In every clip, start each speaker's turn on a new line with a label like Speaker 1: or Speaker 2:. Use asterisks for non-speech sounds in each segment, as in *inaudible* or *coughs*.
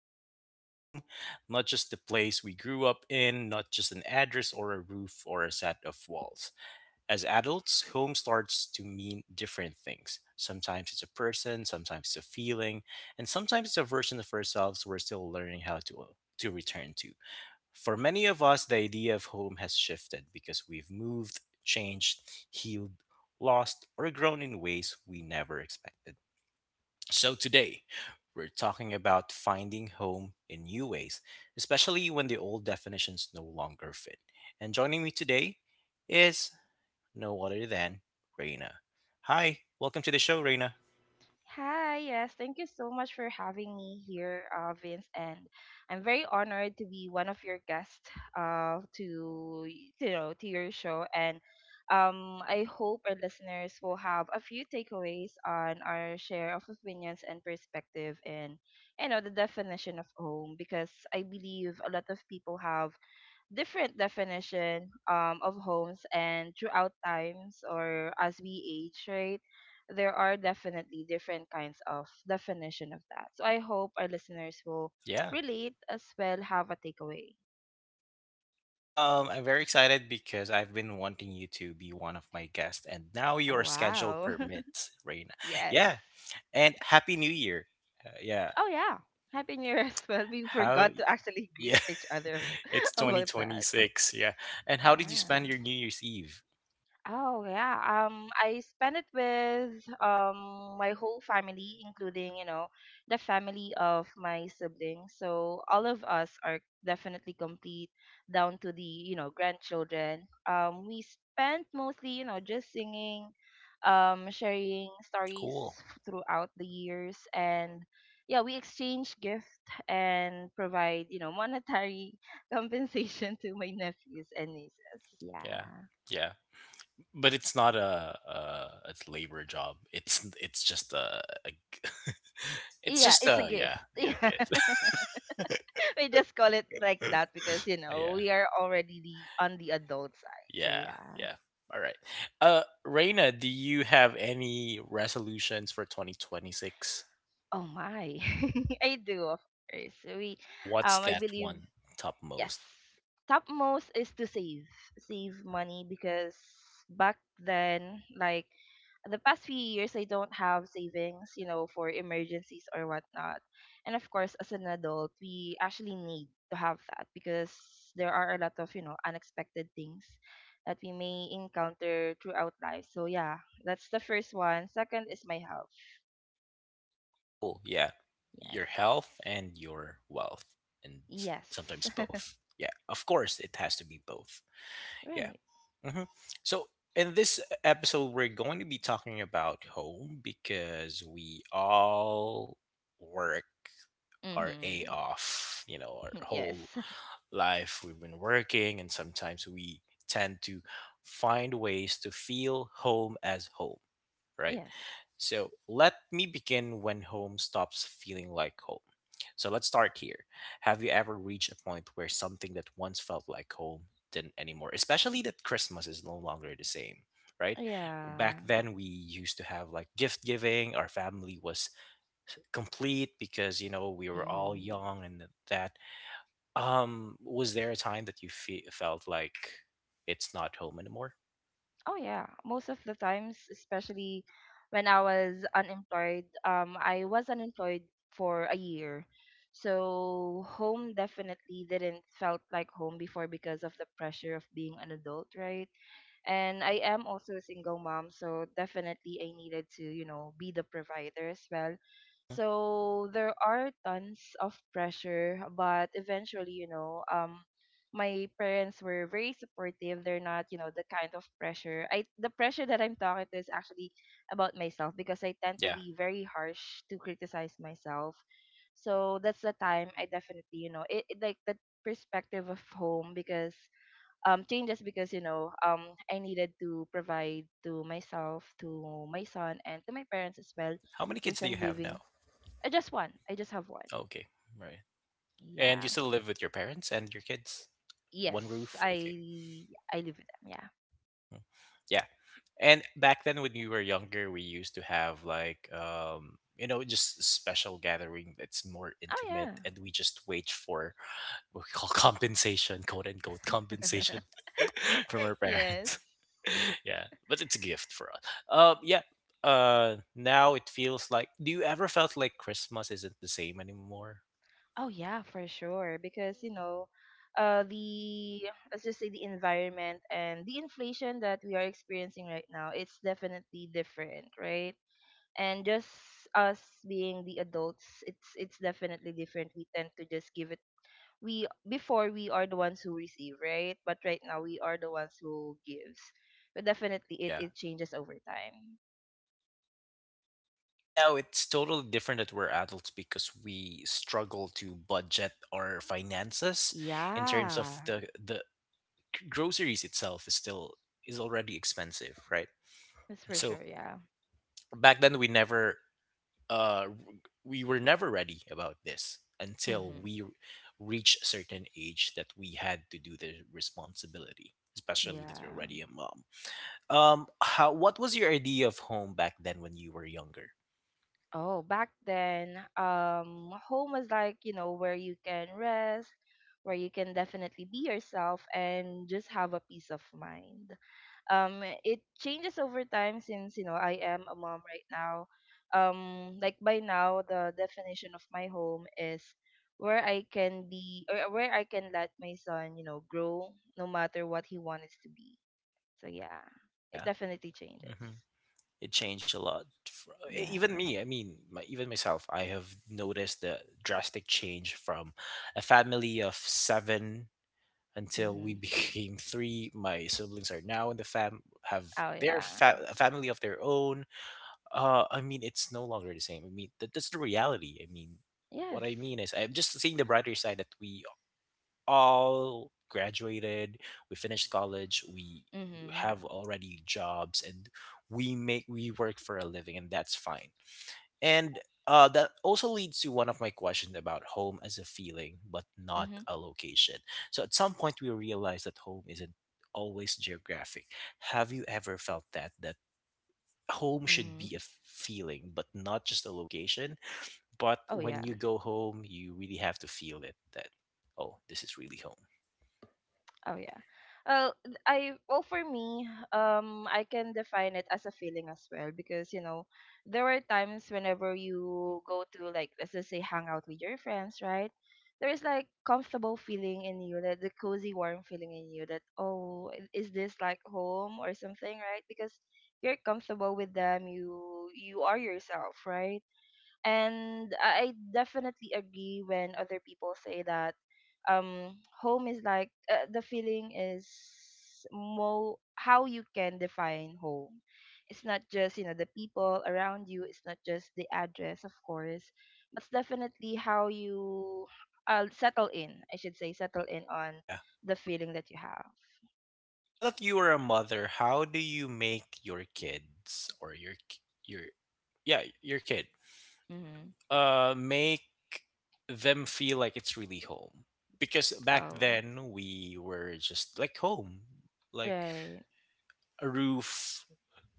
Speaker 1: is about home, not just the place we grew up in, not just an address or a roof or a set of walls. As adults, home starts to mean different things. Sometimes it's a person, sometimes it's a feeling, and sometimes it's a version of ourselves we're still learning how to return to. For many of us, the idea of home has shifted because we've moved, changed, healed, lost, or grown in ways we never expected. So today, we're talking about finding home in new ways, especially when the old definitions no longer fit. And joining me today is no other than Raina. Hi, welcome to the show, Raina.
Speaker 2: Hi, yes, thank you so much for having me here, Vince, and I'm very honored to be one of your guests, to your show, and I hope our listeners will have a few takeaways on our share of opinions and perspective in the definition of home, because I believe a lot of people have different definition of homes, and throughout times or as we age, right, there are definitely different kinds of definition of that. So I hope our listeners will
Speaker 1: Yeah.
Speaker 2: relate as well, have a takeaway.
Speaker 1: I'm very excited because I've been wanting you to be one of my guests, and now
Speaker 2: Oh,
Speaker 1: your schedule
Speaker 2: wow.
Speaker 1: permits, Raina.
Speaker 2: *laughs* Yes.
Speaker 1: Yeah, and Happy New Year. Yeah.
Speaker 2: Oh, yeah, happy new year as well. We
Speaker 1: How?
Speaker 2: forgot to actually greet
Speaker 1: Yeah,
Speaker 2: each other.
Speaker 1: *laughs*
Speaker 2: *laughs*
Speaker 1: it's
Speaker 2: About that.
Speaker 1: 2026. Yeah. And how did you
Speaker 2: Yeah.
Speaker 1: spend your New Year's Eve?
Speaker 2: Oh yeah. I spent it with my whole family, including, you know, the family of my siblings. So all of us are definitely complete down to the, you know, grandchildren. We spent mostly, you know, just singing, sharing stories
Speaker 1: Cool.
Speaker 2: throughout the years, and yeah, we exchange gift and provide, you know, monetary *laughs* compensation to my nephews and nieces.
Speaker 1: Yeah.
Speaker 2: Yeah.
Speaker 1: Yeah. But it's not a labor job. It's just a, *laughs* it's
Speaker 2: Yeah,
Speaker 1: just
Speaker 2: it's a
Speaker 1: a yeah,
Speaker 2: gift. *laughs*
Speaker 1: yeah,
Speaker 2: Yeah. *laughs*
Speaker 1: gift.
Speaker 2: We just call it like
Speaker 1: *laughs*
Speaker 2: that because, you know,
Speaker 1: Yeah.
Speaker 2: we are already the, on the adult side. So
Speaker 1: Yeah.
Speaker 2: yeah.
Speaker 1: Yeah. All right. Reina, do you have any resolutions for 2026?
Speaker 2: Oh my. *laughs* I do, of course. We
Speaker 1: What's
Speaker 2: I
Speaker 1: that
Speaker 2: believe.
Speaker 1: one
Speaker 2: Yes.
Speaker 1: topmost?
Speaker 2: Topmost is to save, save money, because back then, like the past few years, I don't have savings, you know, for emergencies or whatnot. And of course, as an adult, we actually need to have that, because there are a lot of, you know, unexpected things that we may encounter throughout life. So, yeah, that's the first one. Second is my health.
Speaker 1: Cool. Yeah.
Speaker 2: Yes.
Speaker 1: Your health and your wealth and
Speaker 2: Yes.
Speaker 1: sometimes
Speaker 2: *laughs*
Speaker 1: both. Yeah. Of course it has to be both. Yeah.
Speaker 2: Right.
Speaker 1: hmm So, in this episode, we're going to be talking about home because we all work our A
Speaker 2: Mm-hmm.
Speaker 1: off, our
Speaker 2: *laughs* Yes.
Speaker 1: whole life we've been working, and sometimes we tend to find ways to feel home as home, right?
Speaker 2: Yes.
Speaker 1: So let me begin when home stops feeling like home. So let's start here. Have you ever reached a point where something that once felt like home didn't anymore? Especially that Christmas is no longer the same, right?
Speaker 2: Yeah.
Speaker 1: Back then, we used to have like gift giving, our family was complete because we were all
Speaker 2: Hmm.
Speaker 1: young. And that Was there a time that you felt like it's not home anymore?
Speaker 2: Oh yeah. Most of the times, especially when I was unemployed for a year. So home definitely didn't felt like home before, because of the pressure of being an adult, right? And I am also a single mom, so definitely I needed to, you know, be the provider as well.
Speaker 1: Hmm.
Speaker 2: So there are tons of pressure, but eventually, you know, my parents were very supportive. They're not, you know, the kind of pressure. I the pressure that I'm talking to is actually about myself, because I tend to
Speaker 1: Yeah.
Speaker 2: be very harsh to criticize myself. So that's the time I definitely, you know, it like the perspective of home because changes, because you know I needed to provide to myself, to my son, and to my parents as well.
Speaker 1: How many
Speaker 2: Since
Speaker 1: kids do
Speaker 2: I'm
Speaker 1: you have now?
Speaker 2: living, I just one. I just have one.
Speaker 1: Okay. Right. And you
Speaker 2: Yeah.
Speaker 1: still live with your parents and your kids? One
Speaker 2: Yes,
Speaker 1: roof? Okay.
Speaker 2: I I live with them. Yeah.
Speaker 1: Hmm. Yeah. And back then, when you were younger, we used to have like just special gathering that's more
Speaker 2: Oh
Speaker 1: intimate.
Speaker 2: yeah.
Speaker 1: And we just wait for we call, *laughs* compensation, quote unquote compensation,
Speaker 2: *laughs*
Speaker 1: *laughs* from our
Speaker 2: Yes.
Speaker 1: parents. *laughs* Yeah, but it's a gift for us. Yeah. Now it feels like. Do you ever felt like Christmas isn't the same anymore?
Speaker 2: Oh yeah, for sure. Because you know, the let's just say the environment and the inflation that we are experiencing right now, it's definitely different, right? And just us being the adults, it's definitely different. We tend to just give it, we before we are the ones who receive, right, but right now we are the ones who gives. But definitely it
Speaker 1: Yeah.
Speaker 2: it changes over time.
Speaker 1: And now it's totally different that we're adults because we struggle to budget our finances in terms of
Speaker 2: Yeah,
Speaker 1: the groceries itself is already expensive, right?
Speaker 2: that's for
Speaker 1: So
Speaker 2: sure. Yeah.
Speaker 1: back then uh, we were never ready about this until
Speaker 2: Mm-hmm.
Speaker 1: we reach a certain age that we had to do the responsibility, especially that you're
Speaker 2: Yeah.
Speaker 1: already a mom. What was your idea of home back then when you were younger?
Speaker 2: Oh back then, home was like, you know, where you can rest, where you can definitely be yourself and just have a peace of mind. It changes over time, since you know I am a mom right now. Like by now, the definition of my home is where I can be, or where I can let my son, you know, grow, no matter what he wants to be. So yeah, it
Speaker 1: Yeah.
Speaker 2: definitely changes.
Speaker 1: Hmm. It changed a lot.
Speaker 2: Yeah.
Speaker 1: Even me, I mean even myself, I have noticed the drastic change from a family of seven until we *laughs*
Speaker 2: Hmm.
Speaker 1: became three. My siblings are now in the fam have
Speaker 2: Oh
Speaker 1: their
Speaker 2: yeah.
Speaker 1: a family of their own. I mean, it's no longer the same. I mean, that's the reality. I mean, what
Speaker 2: Yes.
Speaker 1: I mean is, I'm just seeing the brighter side that we all graduated, we finished college, we
Speaker 2: Mm-hmm.
Speaker 1: have already jobs, and we make we work for a living, and that's fine. And that also leads to one of my questions about home as a feeling, but not
Speaker 2: Mm-hmm.
Speaker 1: a location. So at some point, we realize that home isn't always geographic. Have you ever felt that home should
Speaker 2: Mm-hmm.
Speaker 1: be a feeling, but not just a location? But
Speaker 2: Oh
Speaker 1: when
Speaker 2: yeah.
Speaker 1: you go home, you really have to feel it. That oh, this is really home.
Speaker 2: Oh yeah. Well, for me, I can define it as a feeling as well, because you know there were times whenever you go to, like let's just say, hang out with your friends, right? There is like comfortable feeling in you, that the cozy warm feeling in you, that is this like home or something, right? Because you're comfortable with them, you are yourself, right? And I definitely agree when other people say that home is like, the feeling is more how you can define home. It's not just, you know, the people around you. It's not just the address, of course, but it's definitely how you settle in. I should say settle in on
Speaker 1: Yeah.
Speaker 2: the feeling that you have.
Speaker 1: Now that you are a mother, how do you make your kids, or your your kid,
Speaker 2: Mm-hmm.
Speaker 1: make them feel like it's really home, because back
Speaker 2: Oh,
Speaker 1: then we were just like home, like
Speaker 2: right.
Speaker 1: a roof,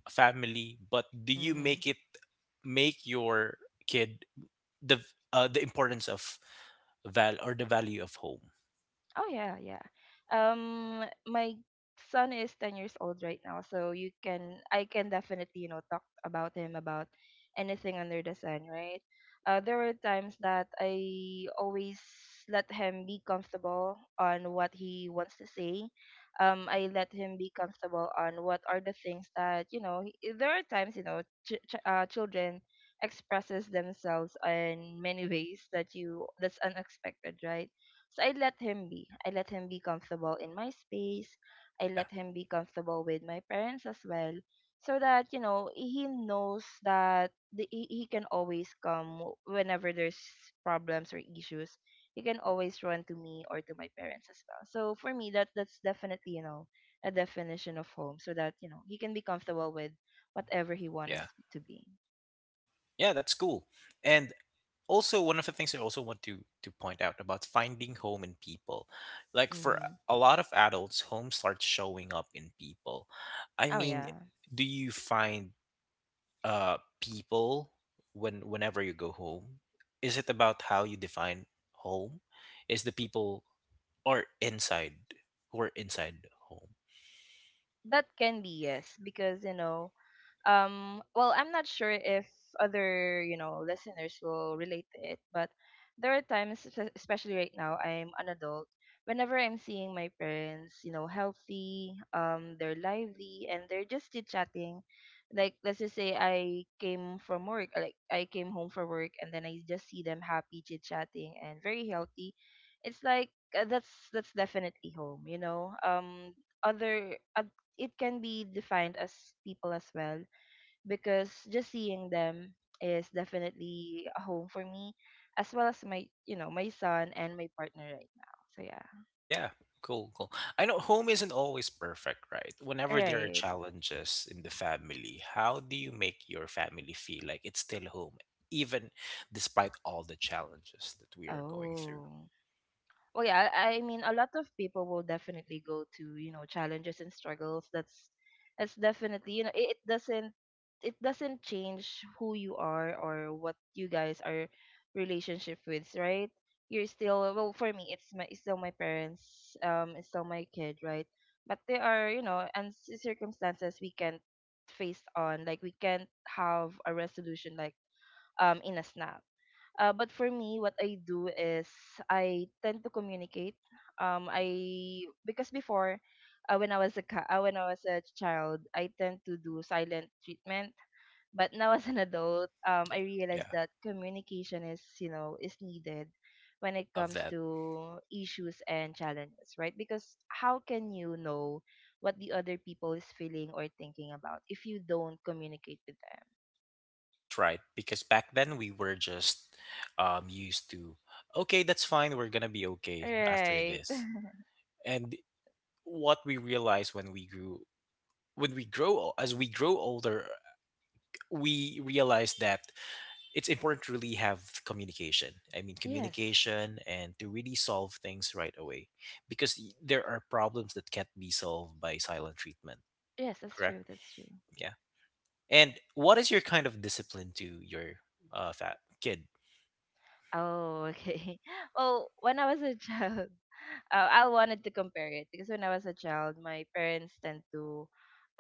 Speaker 1: a family. But do you
Speaker 2: Mm-hmm.
Speaker 1: make your kid the the importance of val or the value of home?
Speaker 2: Oh yeah, yeah. My son is 10 years old right now, so you can I can definitely, you know, talk about him about anything under the sun, right? There were times that I always let him be comfortable on what he wants to say. I let him be comfortable on what are the things that you know. There are times, you know, children expresses themselves in many *laughs* ways that you that's unexpected, right? So I let him be. I let him be comfortable in my space. I
Speaker 1: Yeah.
Speaker 2: let him be comfortable with my parents as well. So that, you know, he knows that he can always come whenever there's problems or issues. He can always run to me or to my parents as well. So for me, that's definitely, you know, a definition of home, so that, you know, he can be comfortable with whatever he
Speaker 1: Yeah.
Speaker 2: wants to be.
Speaker 1: Yeah. That's cool. And also one of the things I also want to point out about finding home in people, like, for
Speaker 2: Mm-hmm.
Speaker 1: a lot of adults home starts showing up in people. I
Speaker 2: Oh,
Speaker 1: mean,
Speaker 2: yeah.
Speaker 1: do you find people, whenever you go home, is it about how you define home, is the people, or inside who are inside home?
Speaker 2: That can be, yes. Because, you know, well I'm not sure if other, you know, listeners will relate to it, but there are times especially right now I'm an adult, whenever I'm seeing my parents, you know, healthy, they're lively and they're just chit chatting, like let's just say I came from work, like I came home from work, and then I just see them happy chit chatting and very healthy. It's like, that's definitely home, you know. Other It can be defined as people as well, because just seeing them is definitely a home for me, as well as my, you know, my son and my partner right now. So yeah.
Speaker 1: Yeah, cool, cool. I know home isn't always perfect, right?
Speaker 2: All
Speaker 1: Whenever there are
Speaker 2: right.
Speaker 1: challenges in the family, how do you make your family feel like it's still home, even despite all the challenges that we are going through?
Speaker 2: Oh. Well, yeah, I mean, a lot of people will definitely go to, you know, challenges and struggles. That's definitely, you know, it doesn't change who you are or what you guys are relationship with, right? You're still, well for me, it's my, it's still my parents, it's still my kid, right? But there are, you know, and circumstances we can't face on, like we can't have a resolution like in a snap. But for me, what I do is I tend to communicate. I Because before, when I was a child, I tend to do silent treatment. But now, *laughs* as an adult,
Speaker 1: Yeah,
Speaker 2: I realize
Speaker 1: yeah,
Speaker 2: that communication is, you know, is needed when
Speaker 1: I
Speaker 2: it
Speaker 1: love
Speaker 2: comes
Speaker 1: that.
Speaker 2: to issues and challenges, right? Because how can you know what the other people is feeling or thinking about if you don't communicate with them?
Speaker 1: That's right, because back then we were just used to, okay, that's fine, we're gonna be okay after
Speaker 2: Right.
Speaker 1: this.
Speaker 2: *laughs*
Speaker 1: And what we realized when when we grow, as we grow older, we realized that it's important to really have communication. I mean,
Speaker 2: Yes.
Speaker 1: communication, and to really solve things right away, because there are problems that can't be solved by silent treatment,
Speaker 2: Yes, that's
Speaker 1: correct?
Speaker 2: true. That's true.
Speaker 1: Yeah. And what is your kind of discipline to your fat kid?
Speaker 2: Oh, okay. *laughs* Well, when I was a child, *laughs* I wanted to compare it, because when I was a child, my parents tend to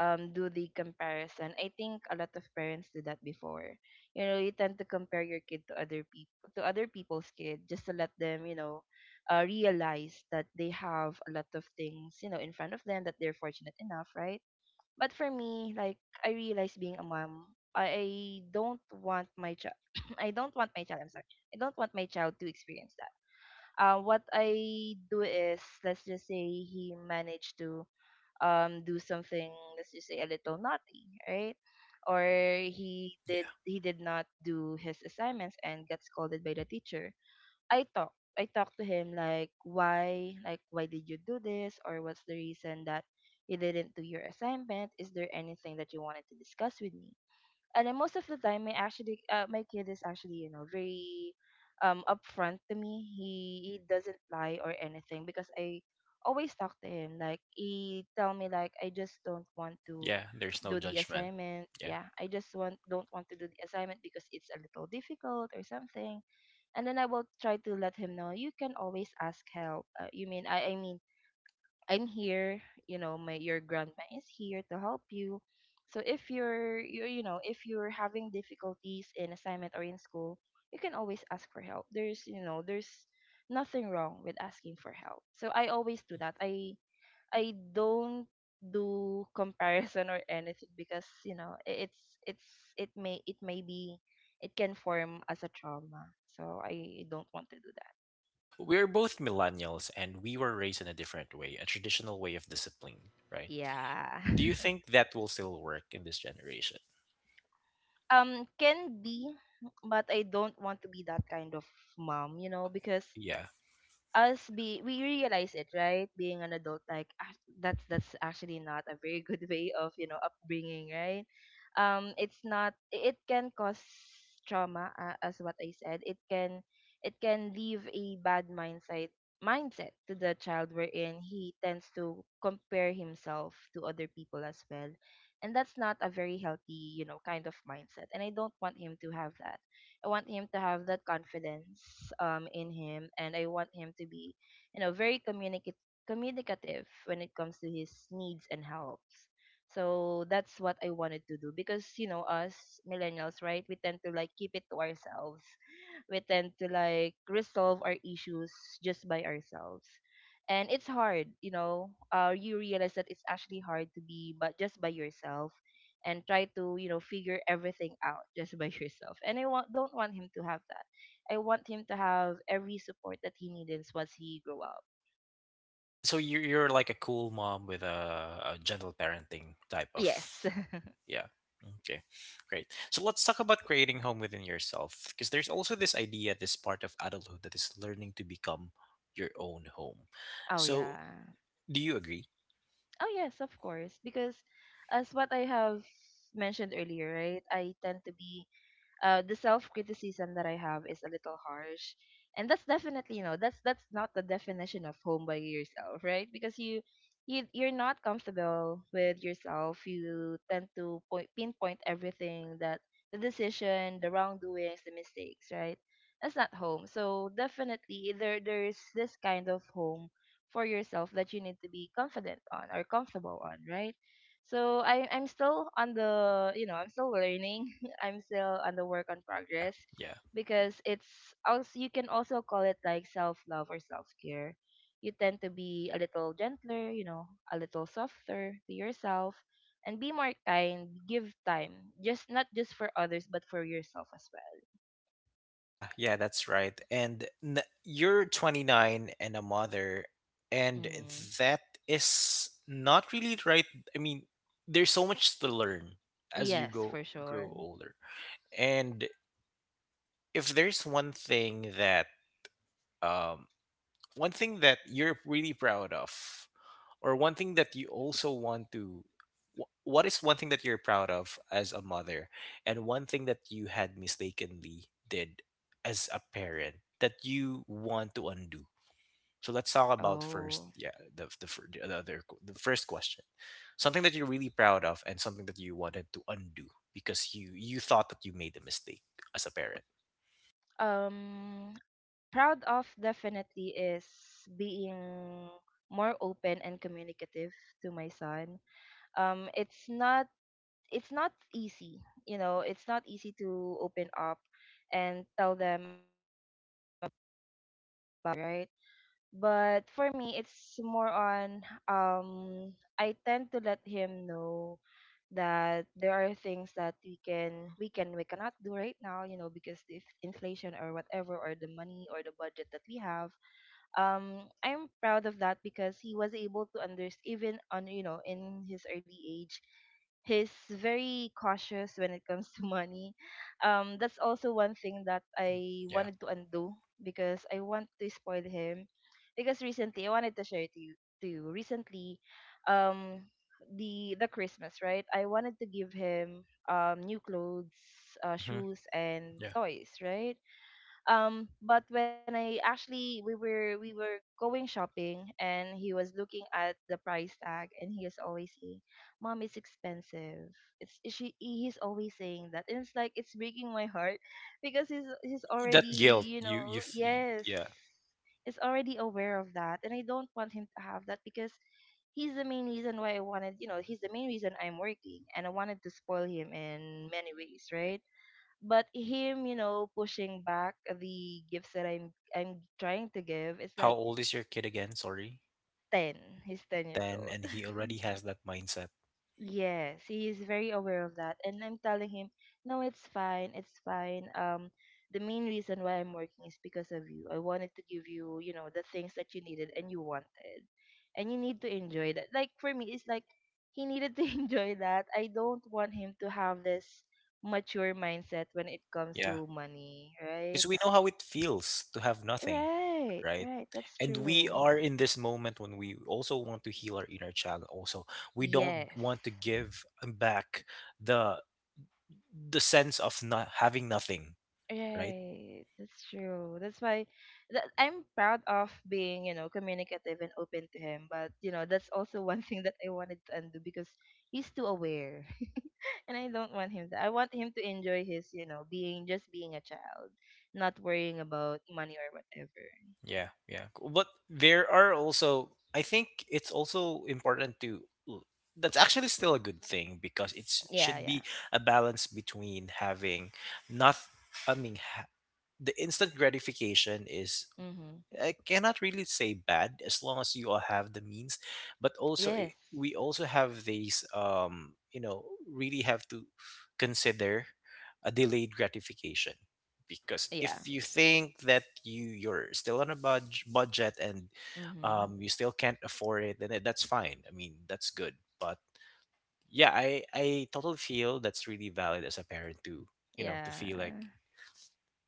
Speaker 2: do the comparison. I think a lot of parents do that before. You know, you tend to compare your kid to other people, to other people's kid, just to let them, you know, realize that they have a lot of things, you know, in front of them that they're fortunate enough, right? But for me, like I realize being a mom, I don't want my child. *coughs* *clears throat* I don't want my child. I'm sorry. I don't want my child to experience that. What I do is, let's just say he managed to do something. Let's just say a little naughty, right? Or
Speaker 1: Yeah.
Speaker 2: he did not do his assignments and got scolded by the teacher. I talk to him like why did you do this, or what's the reason that you didn't do your assignment? Is there anything that you wanted to discuss with me? And then most of the time, my kid is actually, you know, very upfront to me. He doesn't lie or anything, because I always talk to him, like he tell me like I just don't want to
Speaker 1: Yeah. There's no
Speaker 2: do the
Speaker 1: judgment.
Speaker 2: assignment.
Speaker 1: Yeah.
Speaker 2: Yeah, I just want don't want to do the assignment because it's a little difficult or something, and then I will try to let him know you can always ask help. You mean I mean I'm here, you know, my your grandma is here to help you. So if you know, if you're having difficulties in assignment or in school, you can always ask for help. There's nothing wrong with asking for help. So I always do that. I don't do comparison or anything because it's it may be it can form as a trauma. So I don't want to do that.
Speaker 1: We're both millennials and we were raised in a different way, a traditional way of discipline, right?
Speaker 2: Yeah.
Speaker 1: Do you
Speaker 2: *laughs*
Speaker 1: think that will still work in this generation?
Speaker 2: Can be, but I don't want to be that kind of mom, you know, because
Speaker 1: Yeah.
Speaker 2: us be we realize it, right, being an adult, like, that's actually not a very good way of upbringing, right. It's not. It can cause trauma, as what I said, it can leave a bad mindset to the child, wherein he tends to compare himself to other people as well. And that's not a very healthy, you know, kind of mindset, and I don't want him to have that. I want him to have that confidence, in him, and I want him to be very communicative when it comes to his needs and helps. So that's what I wanted to do because us millennials, right? We tend to, like, keep it to ourselves. We tend to, like, resolve our issues just by ourselves. And it's hard, you realize that it's actually hard to be but just by yourself and try to figure everything out just by *laughs* yourself. And don't want him to have that. I want him to have every support that he needs once he grow up.
Speaker 1: And so you're like a cool mom with a gentle parenting type of.
Speaker 2: Yes.
Speaker 1: Yeah. Okay. Great. So let's talk about creating home within yourself, because there's also this idea, this part of adulthood that is learning to become your own home.
Speaker 2: *laughs* Oh,
Speaker 1: So
Speaker 2: yeah.
Speaker 1: do you agree?
Speaker 2: Oh, yes, of course, because as what I have mentioned earlier, right, I tend to be the self criticism that I have is a little harsh. And that's definitely, that's not the definition of home by yourself, right? Because you're not comfortable with yourself. You tend to pinpoint everything, that the decision, the wrongdoings, the mistakes, right? That's not home. So definitely, there's this kind of home for yourself that you need to be confident on or comfortable on, right? So I'm still learning. I'm still on the work on
Speaker 1: Yeah.
Speaker 2: progress
Speaker 1: Yeah.
Speaker 2: because it's also, you can also call it like self love or self care. You tend to be a little gentler, a little softer to yourself and be more kind, give time. Just not just for others but for yourself as
Speaker 1: Yeah. Yeah. That's right. And you're 29 and a mother,
Speaker 2: well.
Speaker 1: and
Speaker 2: Mm-hmm.
Speaker 1: that is not really right. I mean, there's so much to learn as you
Speaker 2: Yes,
Speaker 1: go
Speaker 2: for sure.
Speaker 1: grow older. And if there's um, one thing that you're really proud of, or one thing that you also want to wh- what is one thing that you're proud of as a mother, and one thing that you had mistakenly did as a parent that you want to undo? So let's talk about first,
Speaker 2: Oh.
Speaker 1: yeah, the, fir- the other qu- the first question, something that you're really proud of, and something that you wanted to undo because you thought that you made a mistake as a parent.
Speaker 2: Um Proud of, definitely, is being more open and communicative to my son. Um it's not it's not easy, it's not easy to open up and tell them about it, right. But for me, it's more on, I tend to let him know that there are things that we cannot do right now, because if inflation or whatever, or the money or the budget that we have. I'm proud of that because he was able to understand, even on, in his early age, he's very cautious when it comes *laughs* to money. That's also one thing that I
Speaker 1: Yeah.
Speaker 2: wanted to undo because I want to spoil him. Because recently, I wanted to share it to you. To you. Recently, um, the Christmas, right, I wanted to give him new clothes,
Speaker 1: Hmm.
Speaker 2: shoes, and
Speaker 1: Yeah.
Speaker 2: toys, right. But when I actually we were going shopping, and he was looking at the price tag, and he is always saying, "Mom, it's expensive." it's she He's always saying that, and it's like it's breaking my heart because he's
Speaker 1: That
Speaker 2: already,
Speaker 1: guilt
Speaker 2: you know.
Speaker 1: you,
Speaker 2: Yes.
Speaker 1: yeah.
Speaker 2: Is already aware of that, and I don't want him to have that because he's the main reason why I wanted you know he's the main reason I'm working, and I wanted to spoil him in many ways, right. But him, pushing back the gifts that I'm trying to give, it's
Speaker 1: How
Speaker 2: like
Speaker 1: old is your kid again? Sorry.
Speaker 2: 10. He's 10 years
Speaker 1: 10,
Speaker 2: old.
Speaker 1: and he already has that mindset.
Speaker 2: *laughs* Yes, he is very aware of that, and I'm telling him, "No, it's fine, it's fine." The main reason why I'm working is because of you. I wanted to give you, you know the things that you needed and you wanted, and you need to enjoy that. Like, for me, it's like he needed to *laughs* enjoy that. I don't want him to have this mature mindset when it comes
Speaker 1: Yeah.
Speaker 2: to money, right.
Speaker 1: Cuz we know how it feels to have nothing,
Speaker 2: Right,
Speaker 1: right?
Speaker 2: right. That's
Speaker 1: And we
Speaker 2: true.
Speaker 1: are in this moment when we also want to heal our inner child also. We don't
Speaker 2: Yes.
Speaker 1: want to give back the the sense of not having nothing, right?
Speaker 2: Right. That's true. That's why, that I'm proud of being, you know, communicative and open to him. But, that's also *laughs* one thing that I wanted to undo because he's too aware. *laughs* And I don't want him to. I want him to enjoy his, being just being a child, not worrying about money or whatever.
Speaker 1: Yeah, yeah. Cool. But there are also, I think it's also important l- that's actually still a good thing, because it
Speaker 2: Yeah,
Speaker 1: should
Speaker 2: yeah.
Speaker 1: be a balance between having not, I mean, the instant gratification is,
Speaker 2: Mhm.
Speaker 1: I cannot really say bad as long as you all have the means, but also
Speaker 2: Yes.
Speaker 1: we also have these, really have to consider a delayed gratification, because if
Speaker 2: Yeah.
Speaker 1: you think that you're still on a budget and
Speaker 2: Mhm.
Speaker 1: you still can't afford it, then that's fine. I mean, that's good. But yeah, I totally feel that's really valid as a parent to, you know, to
Speaker 2: Yeah.
Speaker 1: feel like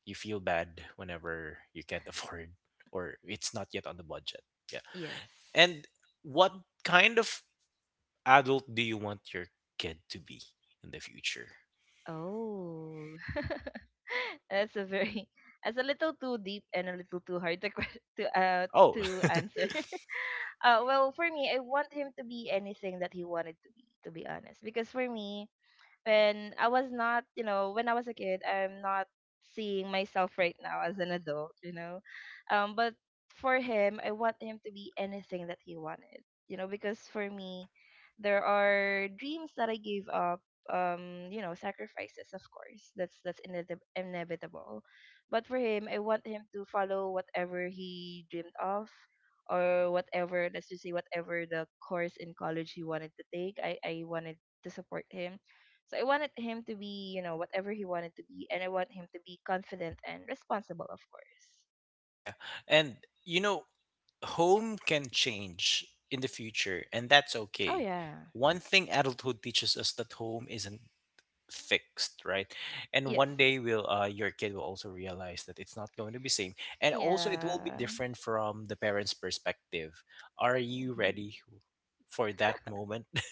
Speaker 1: you feel bad whenever you can't *laughs* afford, or it's not yet on the budget. Yeah.
Speaker 2: Yes.
Speaker 1: And what kind of adult do you want your kid to be in the future?
Speaker 2: Oh. *laughs* *laughs* That's a very that's a little too deep and a little too hard to *laughs*
Speaker 1: Oh,
Speaker 2: to
Speaker 1: *laughs*
Speaker 2: answer. *laughs* Well, for me, I want him to be anything that he wanted to be honest. Because for me, when I was a kid, I'm not seeing myself right now as an adult. But for him, I want him to be anything that he wanted, because for
Speaker 1: yeah.
Speaker 2: me, there are dreams that I gave up, sacrifices, of course. That's inevitable. But for him, I want him to follow whatever he dreamed of, or whatever, let's just say whatever the course in college he wanted to take. I wanted to support him, so I wanted him to be, whatever he wanted to be, and I want him to be confident and responsible, of course.
Speaker 1: Yeah. And you know, home can change in the future, and that's
Speaker 2: Oh,
Speaker 1: okay.
Speaker 2: yeah.
Speaker 1: One thing adulthood teaches us, that home isn't fixed, right? And
Speaker 2: Yes.
Speaker 1: one day, will your kid will also realize that it's not going to be same, and also it will be
Speaker 2: Yeah.
Speaker 1: different from the parents perspective. Are you
Speaker 2: Hmm.
Speaker 1: ready for that moment? *laughs*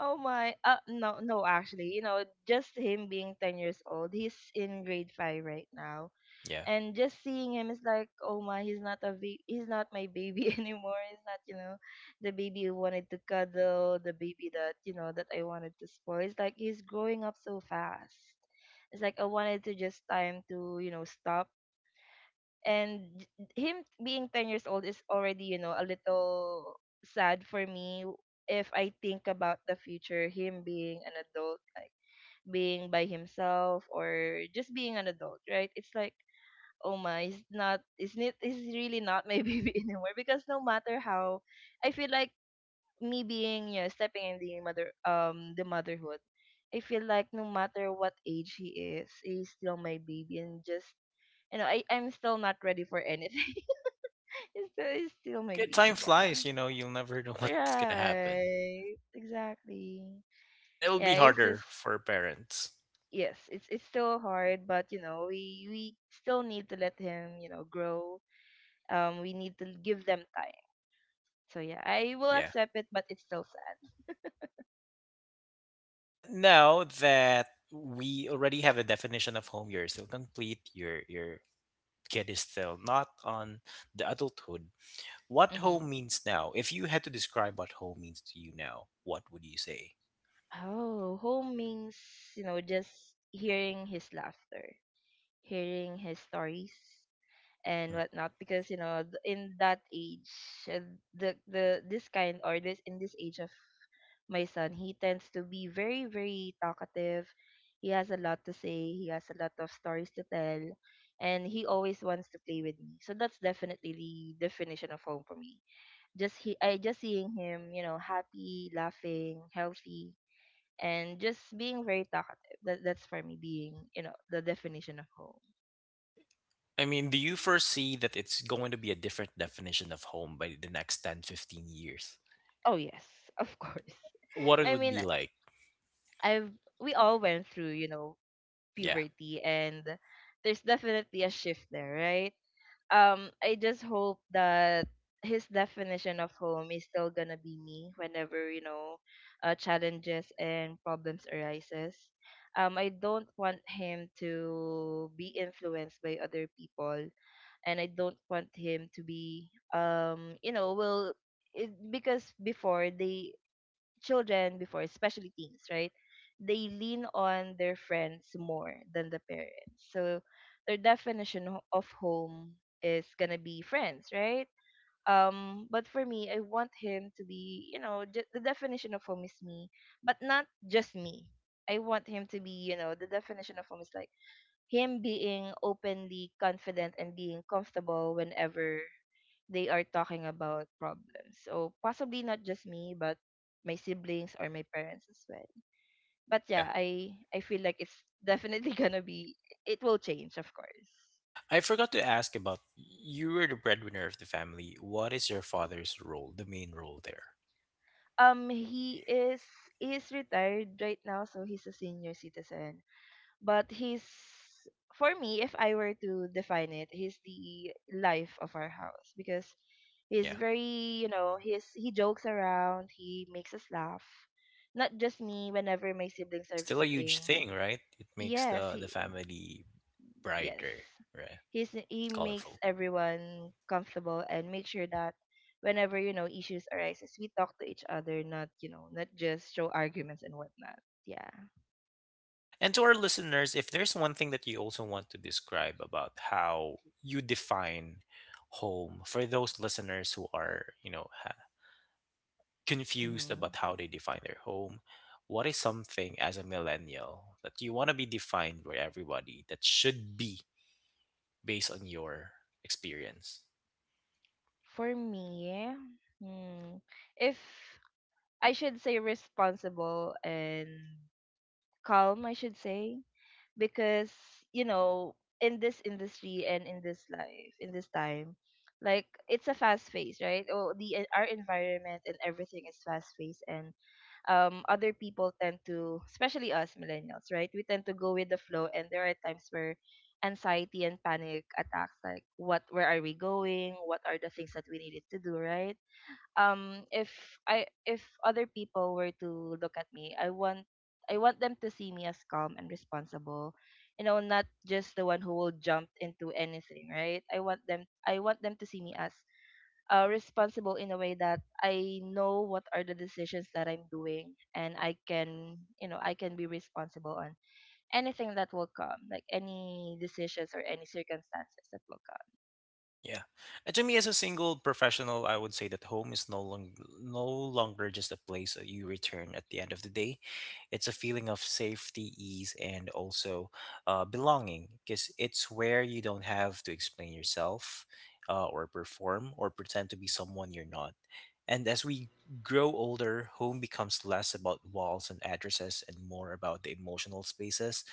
Speaker 2: Oh my. No, no. Actually, just him being 10 years old. He's in grade five right now.
Speaker 1: Yeah.
Speaker 2: And just seeing him is like, oh my, he's not my baby *laughs* anymore. He's not the baby who wanted to cuddle, the baby that you know that I wanted to spoil. It's like he's growing up so fast. It's like I wanted to just time to, stop. and j- Him being 10 years old is already, a little sad for me. If I think about the future, him being an adult, like being by himself, or just being an adult, right, it's like, oh my, it's really not my *laughs* baby anymore. Because no matter how I feel, like me being, stepping in the motherhood, I feel like no matter what age he is, he's still my baby. And just, I'm still not ready for anything. *laughs* He's
Speaker 1: Yeah.
Speaker 2: still my
Speaker 1: Okay, time
Speaker 2: baby, yeah.
Speaker 1: flies, you'll never know *laughs* what's gonna happen,
Speaker 2: Right, exactly.
Speaker 1: and it'll
Speaker 2: Yeah.
Speaker 1: be
Speaker 2: It's just,
Speaker 1: harder for parents.
Speaker 2: yes, it's still hard. But, we still need to let him, grow. We need to give them time. So yeah, I will
Speaker 1: Yeah.
Speaker 2: accept it, but it's still sad.
Speaker 1: Now that we already have a definition of home, you're still complete, your kid is still not on the adulthood. What
Speaker 2: Mm-hmm.
Speaker 1: home means now. If you had to describe what home means to you now, what would you say?
Speaker 2: Oh, home means just hearing his laughter, hearing his stories and
Speaker 1: Mhm.
Speaker 2: whatnot. Because in that age, uh, the this kind or this in this age of my son, he tends to be very, very talkative. He has a lot to say. He has a lot of stories to tell, and he always wants to play with me. So that's definitely the definition of home for me. Just he I just seeing him, happy, laughing, healthy, and just being very talkative. That's for me being, the definition of home.
Speaker 1: I mean, do you foresee that it's going to be a different definition of home by the next 10, 15 years?
Speaker 2: Oh, yes, of course.
Speaker 1: What
Speaker 2: *laughs*
Speaker 1: it
Speaker 2: I
Speaker 1: would
Speaker 2: mean,
Speaker 1: be like?
Speaker 2: I've we all went through,
Speaker 1: Yeah.
Speaker 2: puberty, and there's definitely a shift there, right? I just hope that his definition of home is still gonna be me, whenever, challenges and problems arises. I don't want him to be influenced by other people, and I don't want him to be, because before, they, children before, especially teens, right? They lean on their friends more than the parents. So their definition of home is gonna be friends, right? But for me, I want him to be. The definition of home is me, but not just me. I want him to be. The definition of home is like him being openly confident and being comfortable whenever they are talking about problems. So possibly not just me, but my siblings or my parents as well. But
Speaker 1: Yeah.
Speaker 2: yeah, I feel like it's definitely *laughs* gonna be it will change, of course.
Speaker 1: I forgot to ask about you were the breadwinner of the family. What is your father's role, the main role there?
Speaker 2: He is retired right now, so he's a senior citizen. But he's, for me, if I were to define it, he's the life of our house because he's
Speaker 1: Yeah.
Speaker 2: very, he jokes around, he makes us laugh. Not just me, whenever my siblings
Speaker 1: It's
Speaker 2: are
Speaker 1: still a huge
Speaker 2: visiting.
Speaker 1: thing, right? It makes
Speaker 2: Yes,
Speaker 1: the
Speaker 2: he.
Speaker 1: family
Speaker 2: Yes.
Speaker 1: brighter, right?
Speaker 2: He makes
Speaker 1: Colorful.
Speaker 2: everyone comfortable and make sure that whenever, issues arises, we talk to each other, not, you know, not just show arguments and whatnot. Yeah.
Speaker 1: And to our listeners, if there's one thing that you also want to describe about how you define home for those listeners who are, you know, confused
Speaker 2: Hmm.
Speaker 1: about how they define their home, what is something as a millennial that you want to be defined by everybody that should be based on your experience?
Speaker 2: For me, hmm, if I should say responsible and calm, I should say, because you know in this industry and in this life, in this time, like, it's a fast phase, right. Oh, our environment and everything is fast paced and other people tend to, especially us millennials, right, we tend to go with the flow, and there are times where anxiety and panic attacks, like, what, where are we going, what are the things that we needed to do, right. um if if other people were to look at me, I want them to see me as calm and responsible. You know, not just the one who will jump into anything, right? I want them to see me as responsible, in a way that I know what are the decisions that I'm doing, and I can, be responsible on anything that will come, like any decisions or any circumstances that will
Speaker 1: Yeah. And to me, as a single professional, I would say that home is no longer just a place that you return at the end of the day. It's a feeling of safety, ease, and also belonging, because it's where you don't have to explain yourself, or perform, or pretend to be someone you're not. And as we grow older, home becomes less about walls and addresses and more about the emotional spaces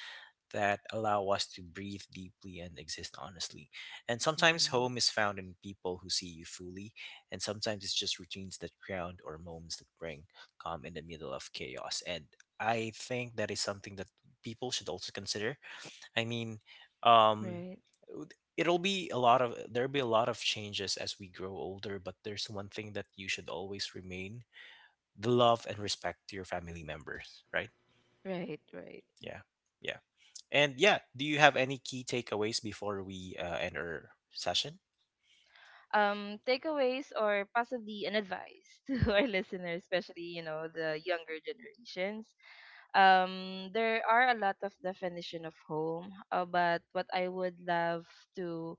Speaker 1: that allow us to breathe deeply and exist honestly. And sometimes
Speaker 2: come.
Speaker 1: home is found in people who see you fully, and sometimes it's just routines that ground, or moments that bring calm in the middle of chaos. And I think that is something that people should also consider. I mean,
Speaker 2: Mm,
Speaker 1: um,
Speaker 2: right,
Speaker 1: w- it'll be a lot of there'll be a lot of changes as we grow older, but there's one thing that you should always remain: the love and respect to your family members, right?
Speaker 2: right, right.
Speaker 1: Yeah. Yeah. And yeah, do you have any key takeaways before we end our session?
Speaker 2: Takeaways, or possibly an advice, *laughs* to our listeners, especially, the younger generations. There are a lot of definition of home, but what I would love to,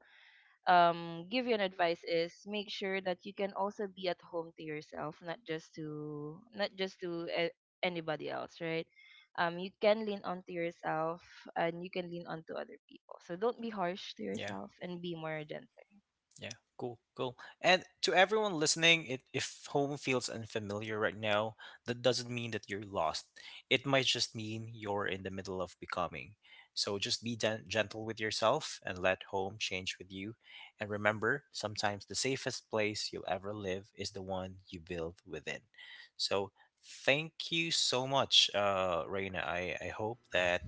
Speaker 2: give you an advice, is make sure that you can also be at home to yourself, not just to anybody else, right? You can lean onto yourself and you can lean onto other people. So don't be harsh to
Speaker 1: Yeah,
Speaker 2: yourself and be more gentle.
Speaker 1: yeah, cool, cool. And to everyone listening, if home feels unfamiliar right now, that doesn't mean that you're lost. It might just mean you're in the middle of becoming. So just be gentle with yourself and let home change with you. And remember, sometimes the safest place you'll ever live is the one you build within. So thank you so much, Reina. I hope that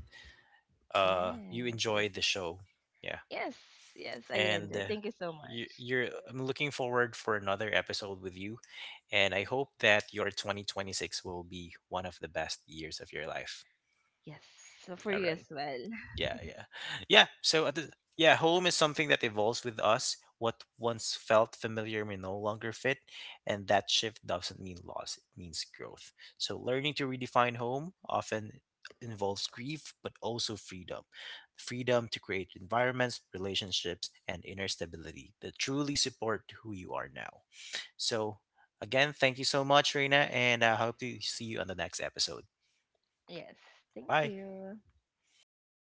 Speaker 1: you
Speaker 2: Yes.
Speaker 1: enjoy the show. Yeah.
Speaker 2: Yes, yes, I
Speaker 1: And
Speaker 2: enjoy. Thank you so
Speaker 1: you,
Speaker 2: much.
Speaker 1: you're I'm looking forward for another episode with you, and I hope that your 2026 will be one of the best years of your life.
Speaker 2: Yes, so for
Speaker 1: All
Speaker 2: you as
Speaker 1: right.
Speaker 2: well.
Speaker 1: Yeah, yeah. Yeah, so home is something that evolves with us. What once felt familiar may no longer fit, and that shift doesn't mean loss, it means growth. So learning to redefine home often involves grief but also freedom. Freedom to create environments, relationships, and inner stability that truly support who you are now. So again, thank you so much, Reina, and I hope to see you on the next episode.
Speaker 2: Yes, thank
Speaker 1: Bye.
Speaker 2: you.